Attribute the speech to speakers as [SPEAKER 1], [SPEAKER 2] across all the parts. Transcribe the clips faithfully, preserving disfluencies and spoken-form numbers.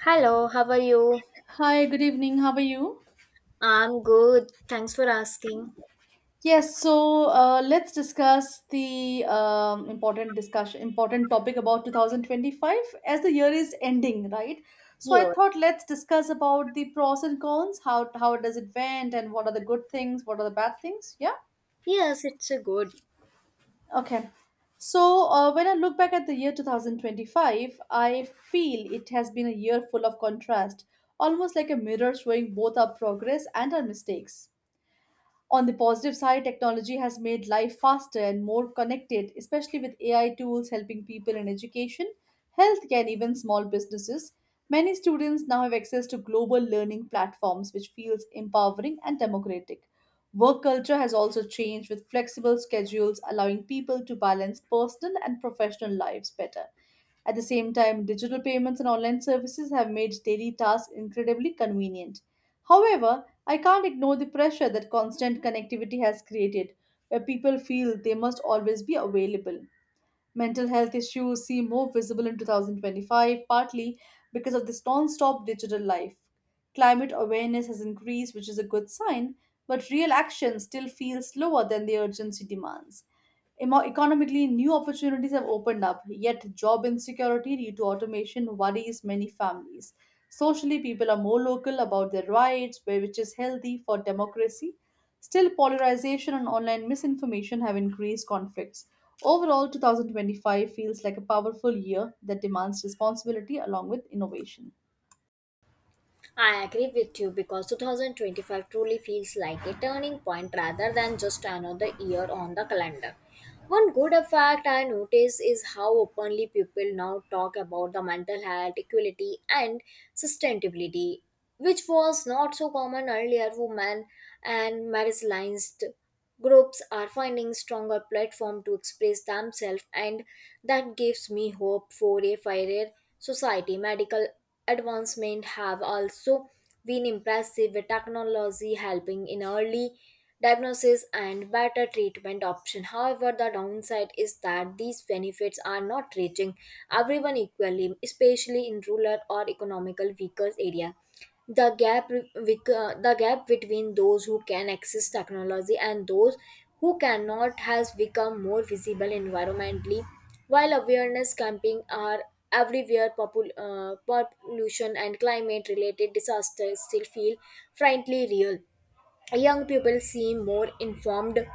[SPEAKER 1] Hello, how are you?
[SPEAKER 2] Hi, good evening. How are you?
[SPEAKER 1] I'm good. Thanks for asking.
[SPEAKER 2] Yes, so uh, let's discuss the um, important discussion, important topic about two thousand twenty-five as the year is ending, right? So I
[SPEAKER 1] Yours?
[SPEAKER 2] thought let's discuss about the pros and cons, how how does it went, and what are the good things, what are the bad things? Yeah.
[SPEAKER 1] Yes, it's a good.
[SPEAKER 2] Okay. So uh, when I look back at the year two thousand twenty-five, I feel it has been a year full of contrast, almost like a mirror showing both our progress and our mistakes. On the positive side, technology has made life faster and more connected, especially with A I tools helping people in education, healthcare, and even small businesses. Many students now have access to global learning platforms, which feels empowering and democratic. Work culture has also changed with flexible schedules, allowing people to balance personal and professional lives better. At the same time, digital payments and online services have made daily tasks incredibly convenient. However, I can't ignore the pressure that constant connectivity has created, where people feel they must always be available. Mental health issues seem more visible in twenty twenty-five, partly because of this non stop digital life. Climate awareness has increased, which is a good sign, but real action still feels slower than the urgency demands. Emo- Economically, new opportunities have opened up, yet job insecurity due to automation worries many families. Socially, people are more local about their rights, where- which is healthy for democracy. Still, polarization and online misinformation have increased conflicts. Overall, twenty twenty-five feels like a powerful year that demands responsibility along with innovation.
[SPEAKER 1] I agree with you because two thousand twenty-five truly feels like a turning point rather than just another year on the calendar. One good effect I notice is how openly people now talk about the mental health, equality, and sustainability, which was not so common earlier. Women and marginalized Groups are finding stronger platform to express themselves and that gives me hope for a fairer society. Medical advancement have also been impressive with technology helping in early diagnosis and better treatment option. However, the downside is that these benefits are not reaching everyone equally, especially in rural or economical weaker areas. The gap re- wic- uh, the gap between those who can access technology and those who cannot has become more visible environmentally. While awareness camping are everywhere, popul- uh, pollution and climate related disasters still feel frankly real. Young people seem more informed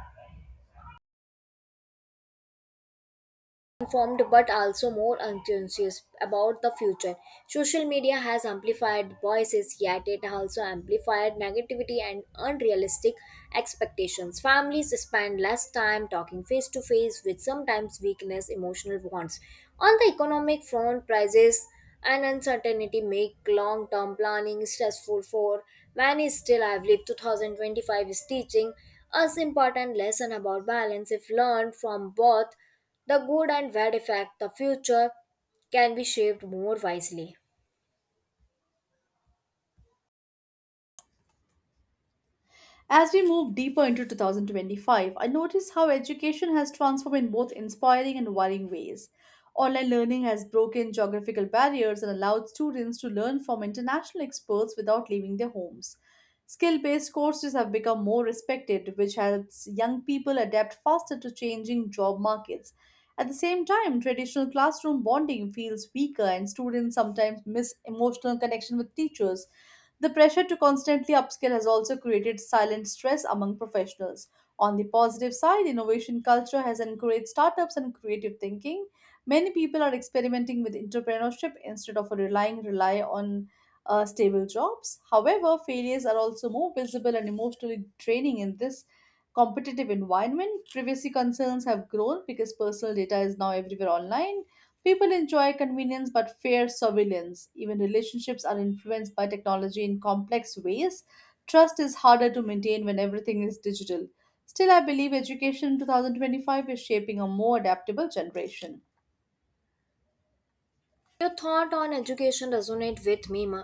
[SPEAKER 1] informed but also more unconscious about the future. Social media has amplified voices, yet it also amplified negativity and unrealistic expectations. Families spend less time talking face to face, which sometimes weakness emotional bonds. On the economic front, prices and uncertainty make long-term planning stressful for many. Still, I believe two thousand twenty-five is teaching us important lesson about balance. If learned from both the good and bad effect, the future can be shaped more wisely.
[SPEAKER 2] As we move deeper into twenty twenty-five, I notice how education has transformed in both inspiring and worrying ways. Online learning has broken geographical barriers and allowed students to learn from international experts without leaving their homes. Skill based courses have become more respected, which helps young people adapt faster to changing job markets. At the same time, traditional classroom bonding feels weaker, and students sometimes miss emotional connection with teachers. The pressure to constantly upskill has also created silent stress among professionals. On the positive side, innovation culture has encouraged startups and creative thinking. Many people are experimenting with entrepreneurship instead of relying rely on uh, stable jobs. However, failures are also more visible and emotionally draining in this competitive environment. Privacy concerns have grown because personal data is now everywhere online. People enjoy convenience but fear surveillance. Even relationships are influenced by technology in complex ways. Trust is harder to maintain when everything is digital. Still, I believe education in twenty twenty-five is shaping a more adaptable generation.
[SPEAKER 1] Your thought on education resonate with me ma,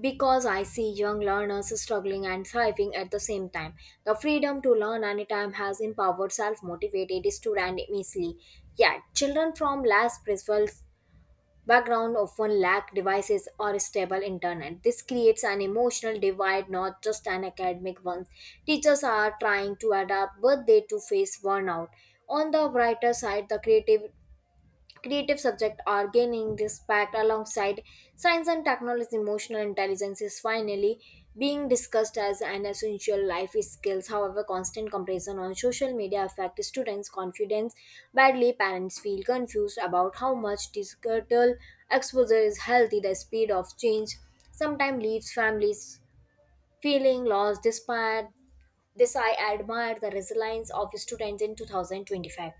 [SPEAKER 1] because I see young learners struggling and thriving at the same time. The freedom to learn anytime has empowered self-motivated students immensely. Yet, children from less privileged background often lack devices or stable internet. This creates an emotional divide, not just an academic one. Teachers are trying to adapt, but they too face burnout. On the brighter side, the creative Creative subjects are gaining respect alongside science and technology. Emotional intelligence is finally being discussed as an essential life skills. However, constant comparison on social media affects students' confidence badly. Parents feel confused about how much digital exposure is healthy. The speed of change sometimes leaves families feeling lost. Despite this, I admire the resilience of students in two thousand twenty-five.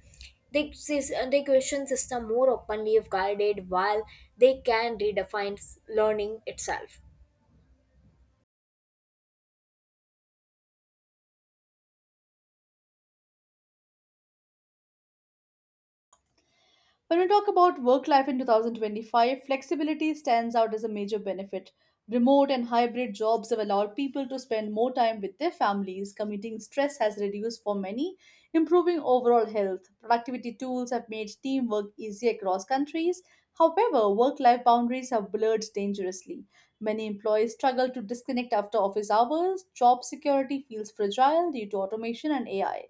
[SPEAKER 1] They, sis- uh, they question system more openly. If guided, while they can redefine s- learning itself.
[SPEAKER 2] When we talk about work life in twenty twenty-five, flexibility stands out as a major benefit. Remote and hybrid jobs have allowed people to spend more time with their families. Commuting stress has reduced for many, improving overall health. Productivity tools have made teamwork easier across countries. However, work life boundaries have blurred dangerously. Many employees struggle to disconnect after office hours. Job security feels fragile due to automation and A I.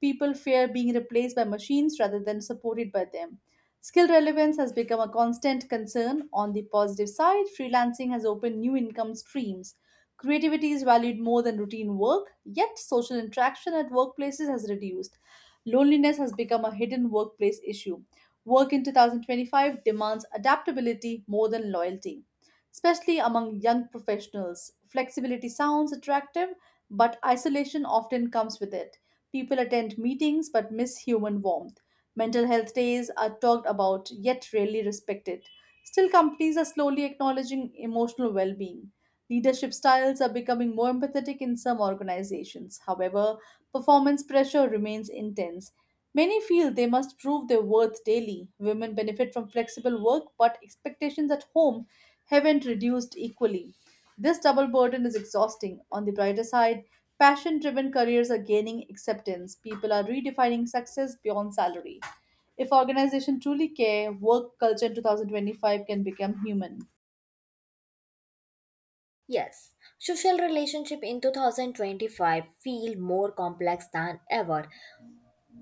[SPEAKER 2] People fear being replaced by machines rather than supported by them. Skill relevance has become a constant concern. On the positive side, freelancing has opened new income streams. Creativity is valued more than routine work, yet social interaction at workplaces has reduced. Loneliness has become a hidden workplace issue. Work in twenty twenty-five demands adaptability more than loyalty, especially among young professionals. Flexibility sounds attractive, but isolation often comes with it. People attend meetings but miss human warmth. Mental health days are talked about yet rarely respected. Still, companies are slowly acknowledging emotional well being. Leadership styles are becoming more empathetic in some organizations. However, performance pressure remains intense. Many feel they must prove their worth daily. Women benefit from flexible work, but expectations at home haven't reduced equally. This double burden is exhausting. On the brighter side, passion driven careers are gaining acceptance. People are redefining success beyond salary. If organizations truly care, work culture in twenty twenty-five can become human.
[SPEAKER 1] Yes, social relationship in twenty twenty-five feel more complex than ever.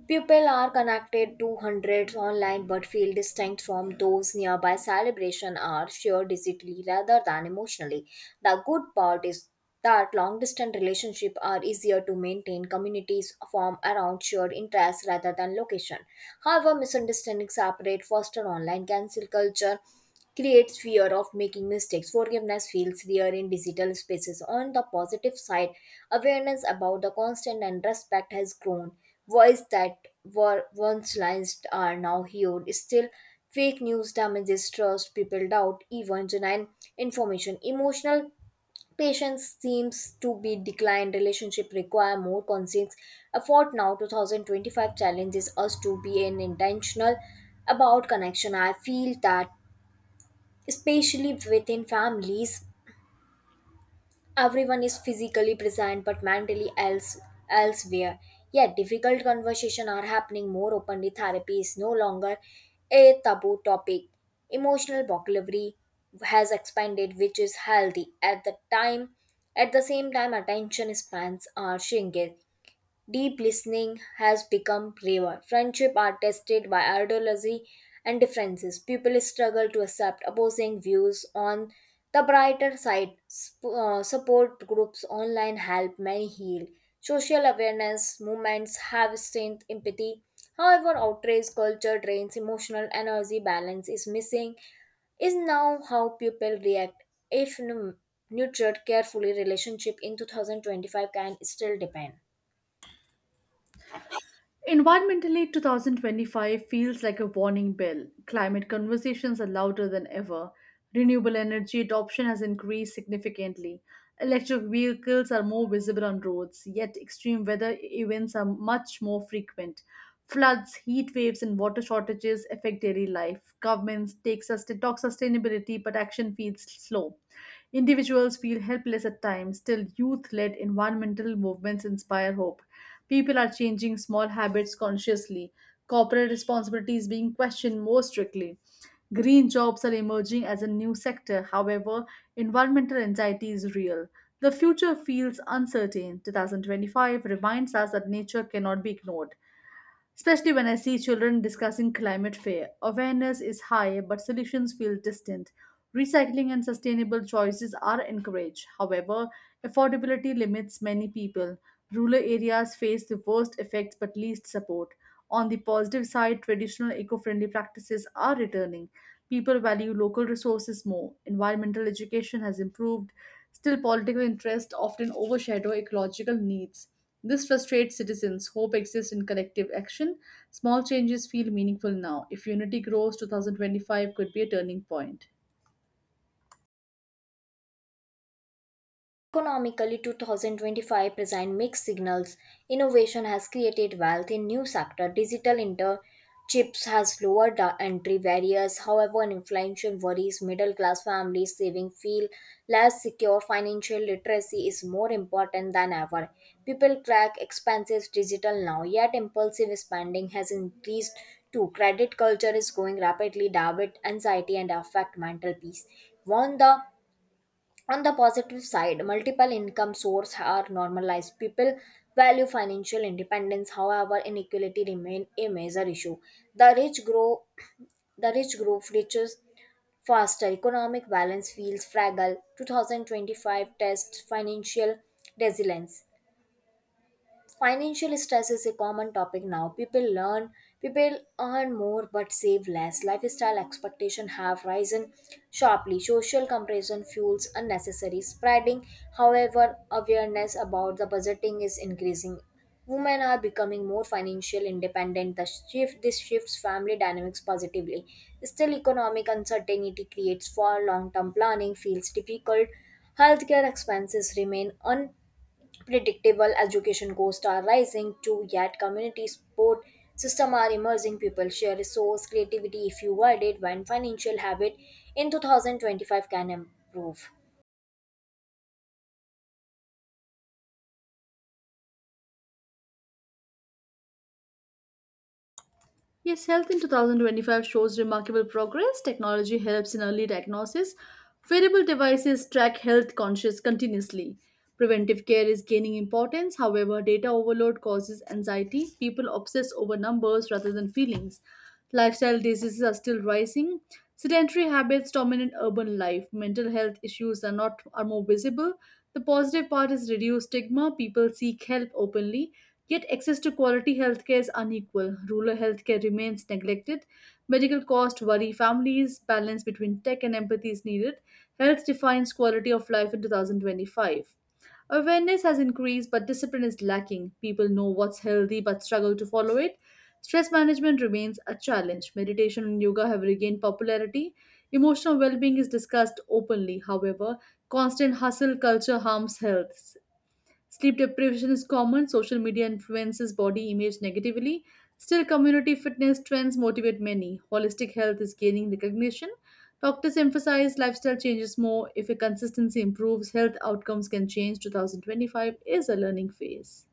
[SPEAKER 1] People are connected to hundreds online but feel distinct from those nearby. Celebration are shared digitally rather than emotionally. The good part is that long distance relationships are easier to maintain. Communities form around shared interests rather than location. However, misunderstandings separate foster online cancel culture creates fear of making mistakes. Forgiveness feels rare in digital spaces. On the positive side, awareness about the constant and respect has grown. Voices that were once silenced are now heard. Still, fake news damages trust, people doubt even genuine information. Emotional patience seems to be declined. Relationship require more conscience effort now. two thousand twenty-five challenges us to be an intentional about connection. I feel that especially within families everyone is physically present but mentally else elsewhere. Yet difficult conversations are happening more openly. Therapy is no longer a taboo topic. Emotional vocabulary has expanded, which is healthy. At the time at the same time, attention spans are shrinking. Deep listening has become rarer. Friendship are tested by ideology and differences. People struggle to accept opposing views. On the brighter side, Sp- uh, support groups online help many heal. Social awareness movements have strengthened empathy. However, outrage culture drains emotional energy. Balance is missing is now how people react. If nu- nurtured carefully, relationship in two thousand twenty-five can still depend.
[SPEAKER 2] Environmentally, twenty twenty-five feels like a warning bell. Climate conversations are louder than ever. Renewable energy adoption has increased significantly. Electric vehicles are more visible on roads, yet extreme weather events are much more frequent. Floods, heat waves, and water shortages affect daily life. Governments take sustain- talk sustainability, but action feels slow. Individuals feel helpless at times, still, youth led environmental movements inspire hope. People are changing small habits consciously. Corporate responsibility is being questioned more strictly. Green jobs are emerging as a new sector. However, environmental anxiety is real. The future feels uncertain. twenty twenty-five reminds us that nature cannot be ignored. Especially when I see children discussing climate fair, awareness is high but solutions feel distant. Recycling and sustainable choices are encouraged. However, affordability limits many people. Rural areas face the worst effects but least support. On the positive side, traditional eco friendly practices are returning. People value local resources more. Environmental education has improved. Still, political interests often overshadow ecological needs. This frustrates citizens. Hope exists in collective action. Small changes feel meaningful now. If unity grows, twenty twenty-five could be a turning point.
[SPEAKER 1] Economically, two thousand twenty-five present mixed signals. Innovation has created wealth in new sector. Digital interchips has lowered the entry barriers. However, inflation worries middle class families, saving feel less secure. Financial literacy is more important than ever. People track expenses digital now, yet impulsive spending has increased too. Credit culture is growing rapidly. Debit anxiety and affect mental peace. One the on the positive side, multiple income sources are normalized. People value financial independence. However, inequality remains a major issue. The rich grow the rich group reaches faster. Economic balance feels fragile. twenty twenty-five tests financial resilience. Financial stress is a common topic now. People learn people earn more but save less. Lifestyle expectation have risen sharply. Social comparison fuels unnecessary spreading. However, awareness about the budgeting is increasing. Women are becoming more financial independent. The shift This shifts family dynamics positively. Still, economic uncertainty creates for long term planning feels difficult. Healthcare expenses remain predictable. Education costs are rising too. Yet community support system are emerging. People share resource creativity. If you guide it, when financial habit in two thousand twenty-five can improve.
[SPEAKER 2] Yes, health in twenty twenty-five shows remarkable progress. Technology helps in early diagnosis. Wearable devices track health conscious continuously. Preventive care is gaining importance. However, data overload causes anxiety. People obsess over numbers rather than feelings. Lifestyle diseases are still rising. Sedentary habits dominate urban life. Mental health issues are not are more visible. The positive part is reduced stigma. People seek help openly. Yet, access to quality healthcare is unequal. Rural healthcare remains neglected. Medical costs worry families. Balance between tech and empathy is needed. Health defines quality of life in twenty twenty-five. Awareness has increased, but discipline is lacking. People know what's healthy but struggle to follow it. Stress management remains a challenge. Meditation and yoga have regained popularity. Emotional well being is discussed openly. However, constant hustle culture harms health. Sleep deprivation is common, social media influences body image negatively. Still, community fitness trends motivate many. Holistic health is gaining recognition. Doctors emphasize lifestyle changes more. If a consistency improves, health outcomes can change. twenty twenty-five is a learning phase.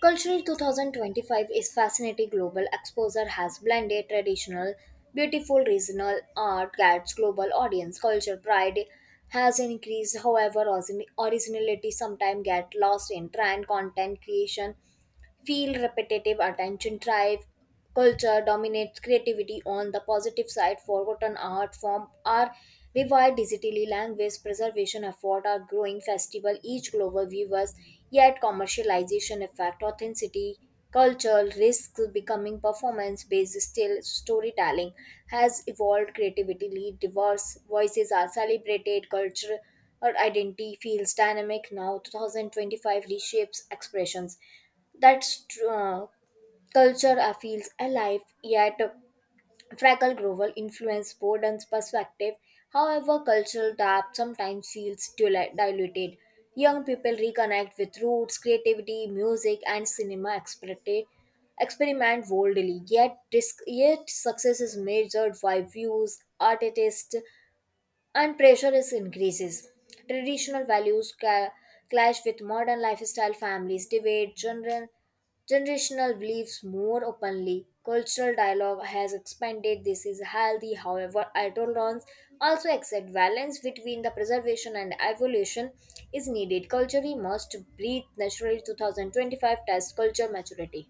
[SPEAKER 1] Cultural twenty twenty-five is fascinating. Global exposure has blended traditional beautiful regional art. Gets global audience culture pride has increased. However, origin- originality sometimes get lost in trend. Content creation feel repetitive. Attention drive culture dominates creativity. On the positive side, forgotten art form are revived digitally. Language preservation effort are growing. Festival each global viewers. Yet commercialization effect authenticity. Cultural risk becoming performance based. Still, storytelling has evolved creativity. Diverse voices are celebrated. Culture or identity feels dynamic now. two thousand twenty-five reshapes expressions. that's tr- uh, Culture uh, feels alive, yet Fractal Grovel influence Borden's perspective. However, cultural depth sometimes feels dil- diluted. Young people reconnect with roots, creativity, music, and cinema experti- experiment boldly. Yet, dis- yet success is measured by views, artists, and pressure is increases. Traditional values ca- clash with modern lifestyle. Families debate gener- generational beliefs more openly. Cultural dialogue has expanded. This is healthy. However, adolescents also accept balance between the preservation and evolution is needed. Culture must breathe naturally. twenty twenty-five test culture maturity.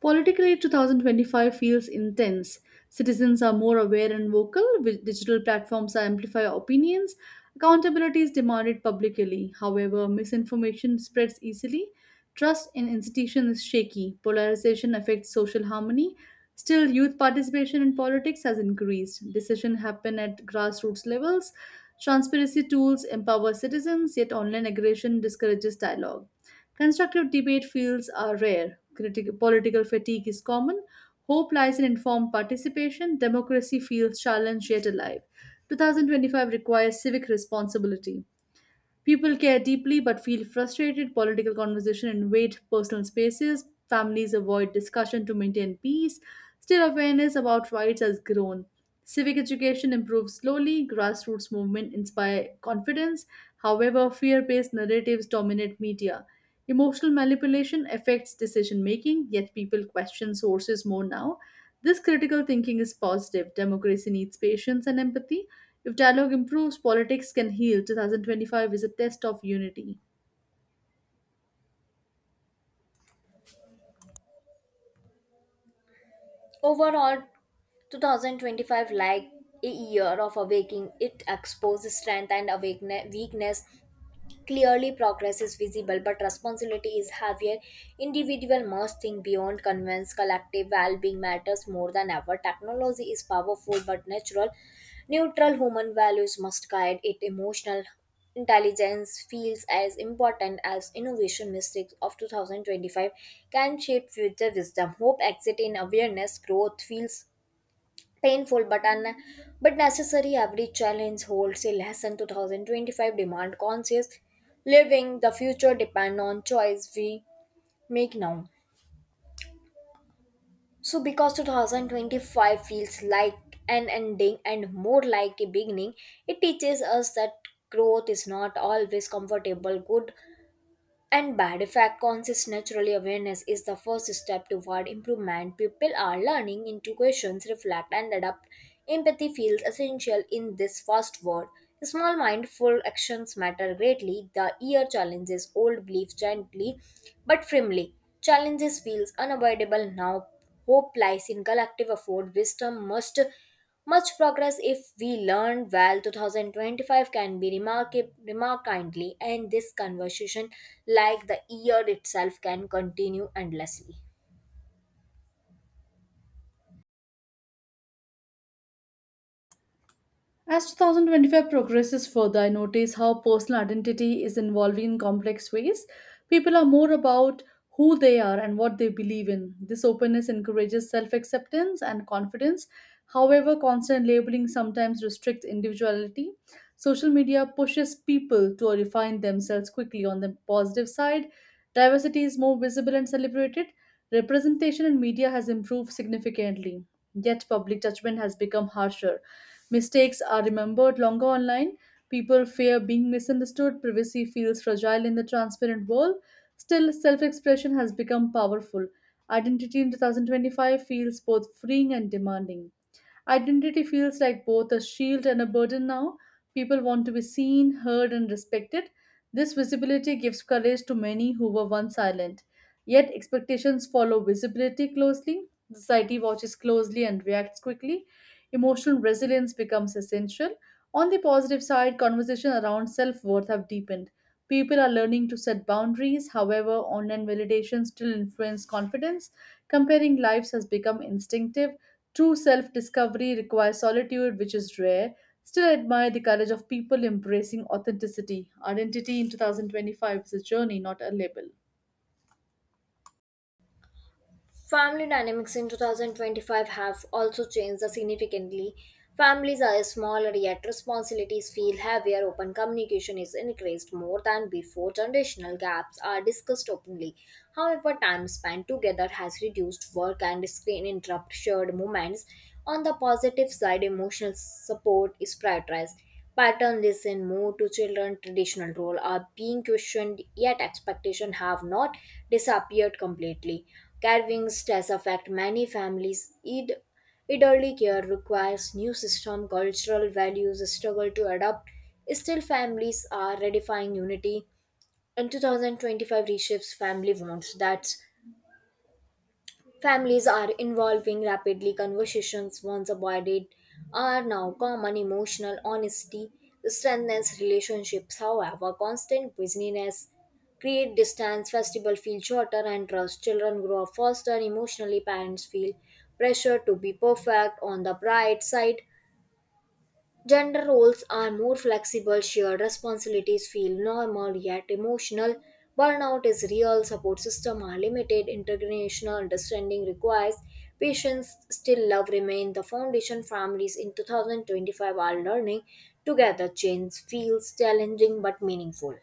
[SPEAKER 2] Politically, twenty twenty-five feels intense. Citizens are more aware and vocal, with digital platforms that amplify opinions. Accountability is demanded publicly. However, misinformation spreads easily. Trust in institutions is shaky. Polarization affects social harmony. Still, youth participation in politics has increased. Decisions happen at grassroots levels. Transparency tools empower citizens, yet online aggression discourages dialogue. Constructive debate fields are rare. Critic- political fatigue is common. Hope lies in informed participation. Democracy feels challenged yet alive. twenty twenty-five requires civic responsibility. People care deeply but feel frustrated. Political conversation invade personal spaces. Families avoid discussion to maintain peace. Still, awareness about rights has grown. Civic education improves slowly. Grassroots movement inspire confidence. However, fear-based narratives dominate media. Emotional manipulation affects decision making, yet people question sources more now. This critical thinking is positive. Democracy needs patience and empathy. If dialogue improves, politics can heal. twenty twenty-five is a test of unity.
[SPEAKER 1] Overall, twenty twenty-five like a year of awakening. It exposes strength and awaken- weakness. Clearly, progress is visible, but responsibility is heavier. Individual must think beyond convenience. Collective well-being matters more than ever. Technology is powerful but natural. Neutral human values must guide it. Emotional intelligence feels as important as innovation. Mistakes of two thousand twenty-five can shape future wisdom. Hope exit in awareness. Growth feels painful but un- but necessary. Every challenge holds a lesson. two thousand twenty-five demand conscious living. The future depend on choice we make now. So because two thousand twenty-five feels like an ending and more like a beginning. It teaches us that growth is not always comfortable. Good and bad effect conscious naturally. Awareness is the first step toward improvement. People are learning into questions, reflect, and adapt. Empathy feels essential in this fast world. Small mindful actions matter greatly. The year challenges old beliefs gently but firmly. Challenges feels unavoidable now. Hope lies in collective effort. Wisdom must much progress if we learn well. twenty twenty-five can be remarked remark kindly, and this conversation, like the year itself, can continue endlessly.
[SPEAKER 2] As twenty twenty-five progresses further, I notice how personal identity is evolving in complex ways. People are more about who they are and what they believe in. This openness encourages self acceptance and confidence. However, constant labeling sometimes restricts individuality. Social media pushes people to refine themselves quickly. On the positive side, diversity is more visible and celebrated. Representation in media has improved significantly, yet public judgment has become harsher. Mistakes are remembered longer online. People fear being misunderstood. Privacy feels fragile in the transparent world. Still, self expression has become powerful. Identity in twenty twenty-five feels both freeing and demanding. Identity feels like both a shield and a burden now. People want to be seen, heard, and respected. This visibility gives courage to many who were once silent. Yet expectations follow visibility closely. Society watches closely and reacts quickly. Emotional resilience becomes essential. On the positive side, conversation around self worth have deepened. People are learning to set boundaries. However, online validation still influences confidence. Comparing lives has become instinctive. True self discovery requires solitude, which is rare. Still, I admire the courage of people embracing authenticity. Identity in two thousand twenty-five is a journey, not a label.
[SPEAKER 1] Family dynamics in twenty twenty-five have also changed significantly. Families are smaller, yet responsibilities feel heavier. Open communication is increased more than before. Generational gaps are discussed openly. However, time spent together has reduced. Work and screen interrupt shared moments. On the positive side, emotional support is prioritized. Pattern listen more to children. Traditional role are being questioned, yet expectations have not disappeared completely. Carving stress affect many families. Id- Elderly care requires new system. Cultural values struggle to adapt. Still, families are redefining unity in two thousand twenty-five. Reshapes family wants that. Families are involving rapidly. Conversations once avoided are now common. Emotional honesty strengthens relationships. However, constant busyness create distance. Festival feel shorter and trust. Children grow up faster. Emotionally, parents feel pressure to be perfect. On the bright side, gender roles are more flexible. Shared responsibilities feel normal yet emotional. Burnout is real. Support system are limited. Intergenerational understanding requires patience. Still love remains the foundation. Families in two thousand twenty-five are learning together. Change feels challenging but meaningful.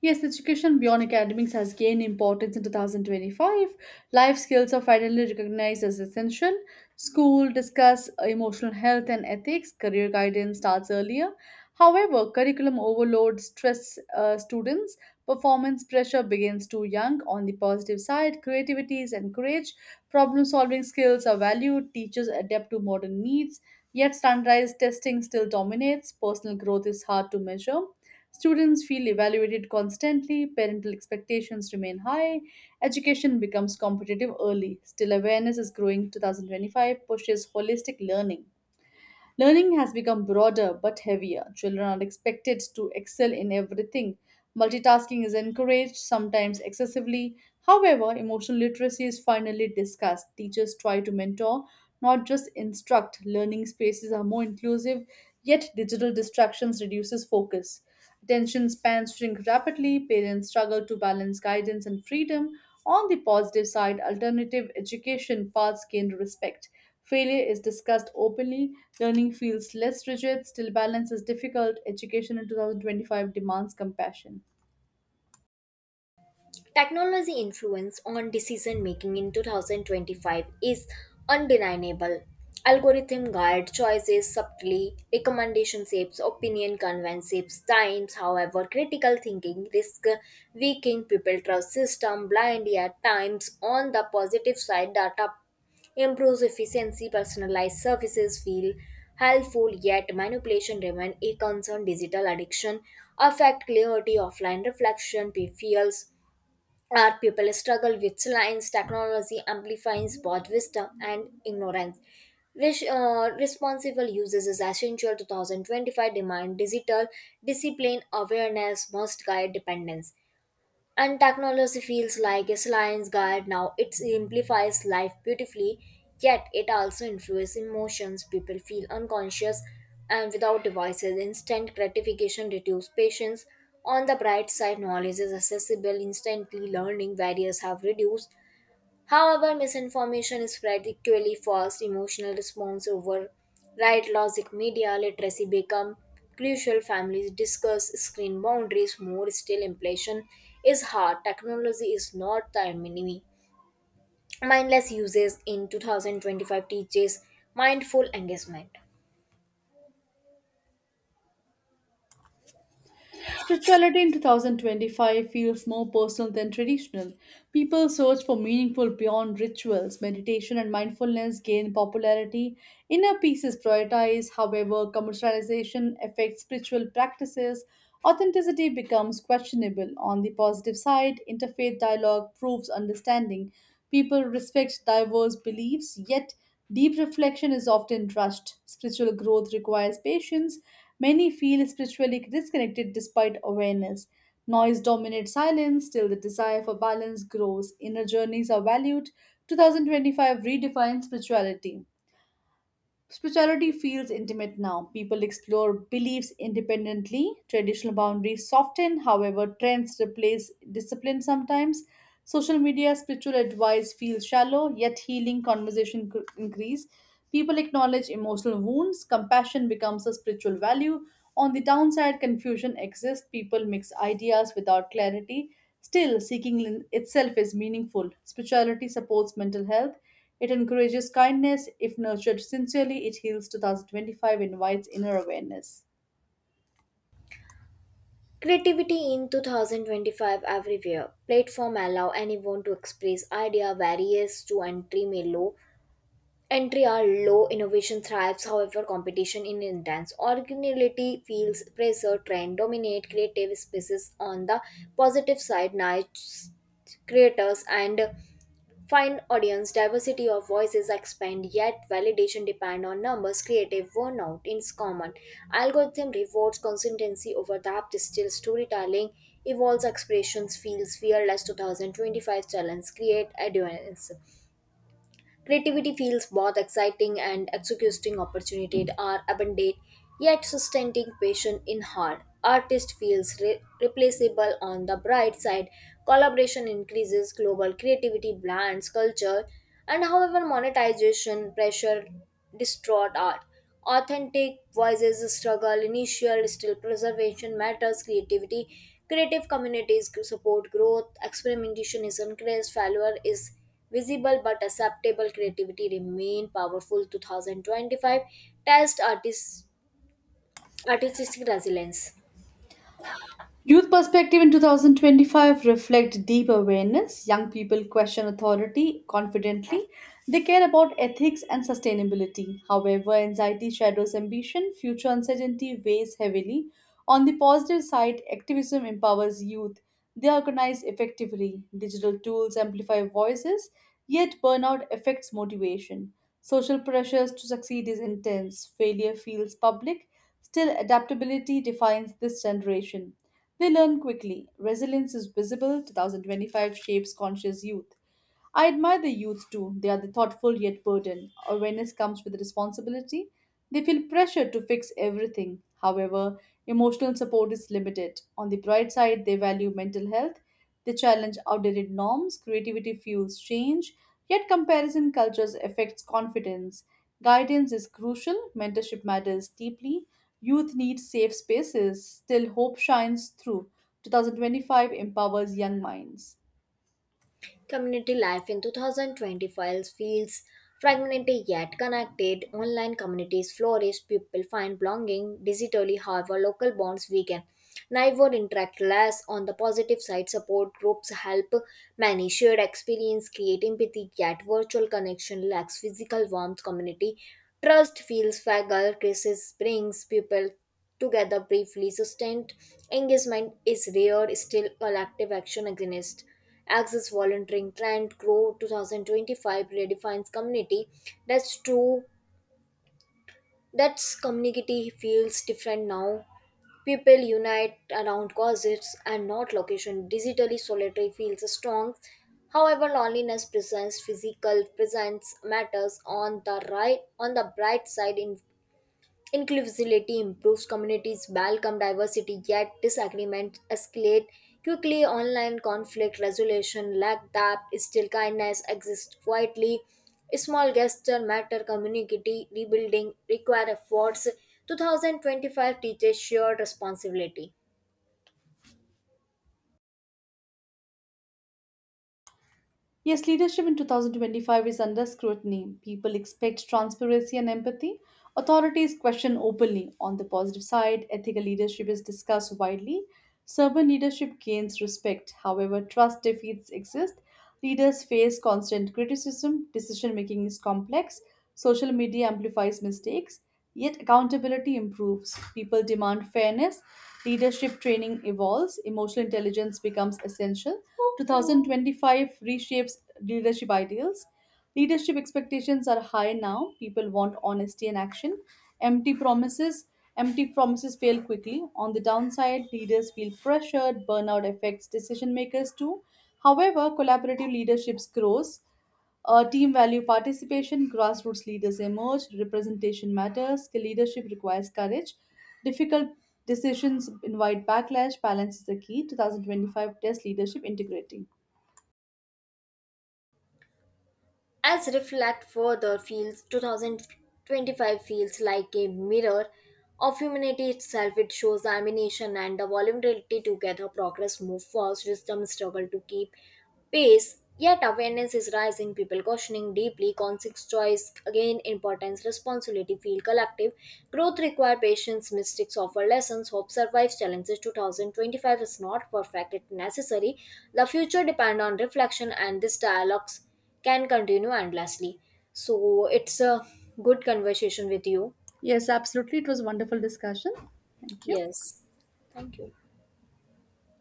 [SPEAKER 2] Yes, education beyond academics has gained importance in two thousand twenty-five. Life skills are finally recognized as essential. School discuss emotional health and ethics. Career guidance starts earlier. However, curriculum overload stress uh, students. Performance pressure begins too young. On the positive side, creativity is encouraged. Problem solving skills are valued. Teachers adapt to modern needs. Yet, standardized testing still dominates. Personal growth is hard to measure. Students feel evaluated constantly, parental expectations remain high, education becomes competitive early. Still, awareness is growing. twenty twenty-five pushes holistic learning. Learning has become broader but heavier. Children are expected to excel in everything. Multitasking is encouraged, sometimes excessively. However, emotional literacy is finally discussed. Teachers try to mentor, not just instruct. Learning spaces are more inclusive, yet digital distractions reduces focus. Attention spans shrink rapidly, parents struggle to balance guidance and freedom. On the positive side, alternative education paths gain respect. Failure is discussed openly, learning feels less rigid, still balance is difficult. Education in two thousand twenty-five demands compassion.
[SPEAKER 1] Technology influence on decision making in twenty twenty-five is undeniable. Algorithm guide choices subtly. Recommendation shapes opinion. Convenience shapes times. However, critical thinking risk weakening. People trust system blind at times. On the positive side, data improves efficiency. Personalized services feel helpful. Yet manipulation remain a concern. Digital addiction affect clarity. Offline reflection feels our. People struggle with science. Technology amplifies both wisdom and ignorance. Res- uh, responsible uses is essential. twenty twenty-five demand digital discipline. Awareness must guide dependence. And technology feels like a science guide now. It simplifies life beautifully, yet it also influences emotions. People feel unconscious and without devices. Instant gratification reduces patience. On the bright side, knowledge is accessible instantly. Learning barriers have reduced. However, misinformation is spread equally fast. Emotional response over right logic. Media literacy become crucial. Families discuss screen boundaries more. Still, inflation is hard. Technology is not the enemy. Mindless uses in two thousand twenty-five teaches mindful engagement.
[SPEAKER 2] Spirituality in twenty twenty-five feels more personal than traditional. People search for meaningful beyond rituals. Meditation and mindfulness gain popularity. Inner peace is prioritized. However, commercialization affects spiritual practices. Authenticity becomes questionable. On the positive side, interfaith dialogue proves understanding. People respect diverse beliefs, yet deep reflection is often rushed. Spiritual growth requires patience. Many feel spiritually disconnected despite awareness. Noise dominates silence till the desire for balance grows. Inner journeys are valued. twenty twenty-five redefines spirituality. Spirituality feels intimate now. People explore beliefs independently. Traditional boundaries soften, however, trends replace discipline sometimes. Social media spiritual advice feels shallow, yet healing conversation cr- increase. People acknowledge emotional wounds. Compassion becomes a spiritual value. On the downside, confusion exists. People mix ideas without clarity. Still, seeking in itself is meaningful. Spirituality supports mental health. It encourages kindness. If nurtured sincerely, it heals. twenty twenty-five invites inner awareness.
[SPEAKER 1] Creativity in two thousand twenty-five everywhere. Platform allow anyone to express idea. Various to entry may low Entry are low. Innovation thrives. However, competition is intense. Originality feels pressure. Trend dominate creative spaces. On the positive side, niche creators and find audience diversity of voices expand. Yet validation depend on numbers. Creative burnout is common. Algorithm rewards consistency over depth. Still, storytelling evolves. Expressions feels fearless. twenty twenty-five challenge create adherence. Creativity feels both exciting and exhausting. Opportunities are abundant, yet sustaining patience in hard. Artist feels re- replaceable. On the bright side, collaboration increases global creativity, blends culture, and however monetization pressure distort art. Authentic voices struggle initial. Still preservation matters creativity. Creative communities support growth. Experimentation is encouraged. Failure is visible but acceptable. Creativity remain powerful. twenty twenty-five test artists artistic resilience.
[SPEAKER 2] Youth perspective in two thousand twenty-five reflect deep awareness. Young people question authority confidently. They care about ethics and sustainability. However, anxiety shadows ambition. Future uncertainty weighs heavily. On the positive side, activism empowers youth. They organize effectively. Digital tools amplify voices, yet burnout affects motivation. Social pressures to succeed is intense. Failure feels public. Still, adaptability defines this generation. They learn quickly. Resilience is visible. twenty twenty-five shapes conscious youth. I admire the youth too. They are the thoughtful yet burdened. Awareness comes with responsibility. They feel pressure to fix everything. However, emotional support is limited. On the bright side, they value mental health. They challenge outdated norms. Creativity fuels change. Yet, comparison cultures affects confidence. Guidance is crucial. Mentorship matters deeply. Youth need safe spaces, still hope shines through. twenty twenty-five empowers young minds.
[SPEAKER 1] Community life in two thousand twenty-five feels fragmented yet connected. Online communities flourish. People find belonging digitally. However, local bonds weaken. Neighbor interact less. On the positive side, support groups help many. Shared experience create empathy. Yet virtual connection lacks physical warmth. Community trust feels fragile. Crisis brings people together briefly. Sustained engagement is rare. Still collective action against. Access volunteering trend grow. twenty twenty-five redefines community. That's true. That's community feels different now. People unite around causes and not location. Digitally solitary feels strong. However, loneliness presents. Physical presence matters. On the right on the bright side in inclusivity improves. Communities welcome diversity, yet disagreements escalate quickly. Online conflict resolution lack depth. Still, kindness exists quietly. Small gesture matter. Community rebuilding require efforts. twenty twenty-five teaches shared responsibility.
[SPEAKER 2] Yes, leadership in twenty twenty-five is under scrutiny. People expect transparency and empathy. Authorities question openly. On the positive side, ethical leadership is discussed widely. Servant leadership gains respect. However, trust deficits exist. Leaders face constant criticism. Decision making is complex. Social media amplifies mistakes. Yet, accountability improves. People demand fairness. Leadership training evolves. Emotional intelligence becomes essential. twenty twenty-five reshapes leadership ideals. Leadership expectations are high now. People want honesty and action. Empty promises, empty promises fail quickly. On the downside, leaders feel pressured. Burnout affects decision makers too. However, collaborative leadership grows. Uh, team value participation, grassroots leaders emerge, representation matters, leadership requires courage, difficult decisions invite backlash, balance is the key. twenty twenty-five Test Leadership Integrating.
[SPEAKER 1] As reflect further, feels twenty twenty-five feels like a mirror of humanity itself. It shows the ambition and the vulnerability together. Progress move fast. Wisdom struggle to keep pace. Yet awareness is rising. People questioning deeply. Conscious choice again importance. Responsibility feel collective. Growth require patience. Mistakes offer lessons. Hope survives challenges. two thousand twenty-five is not perfect. It's necessary. The future depend on reflection and these dialogues can continue endlessly. So it's a good conversation with you.
[SPEAKER 2] Yes, absolutely. It was a wonderful discussion. Thank you.
[SPEAKER 1] Yes. Thank you.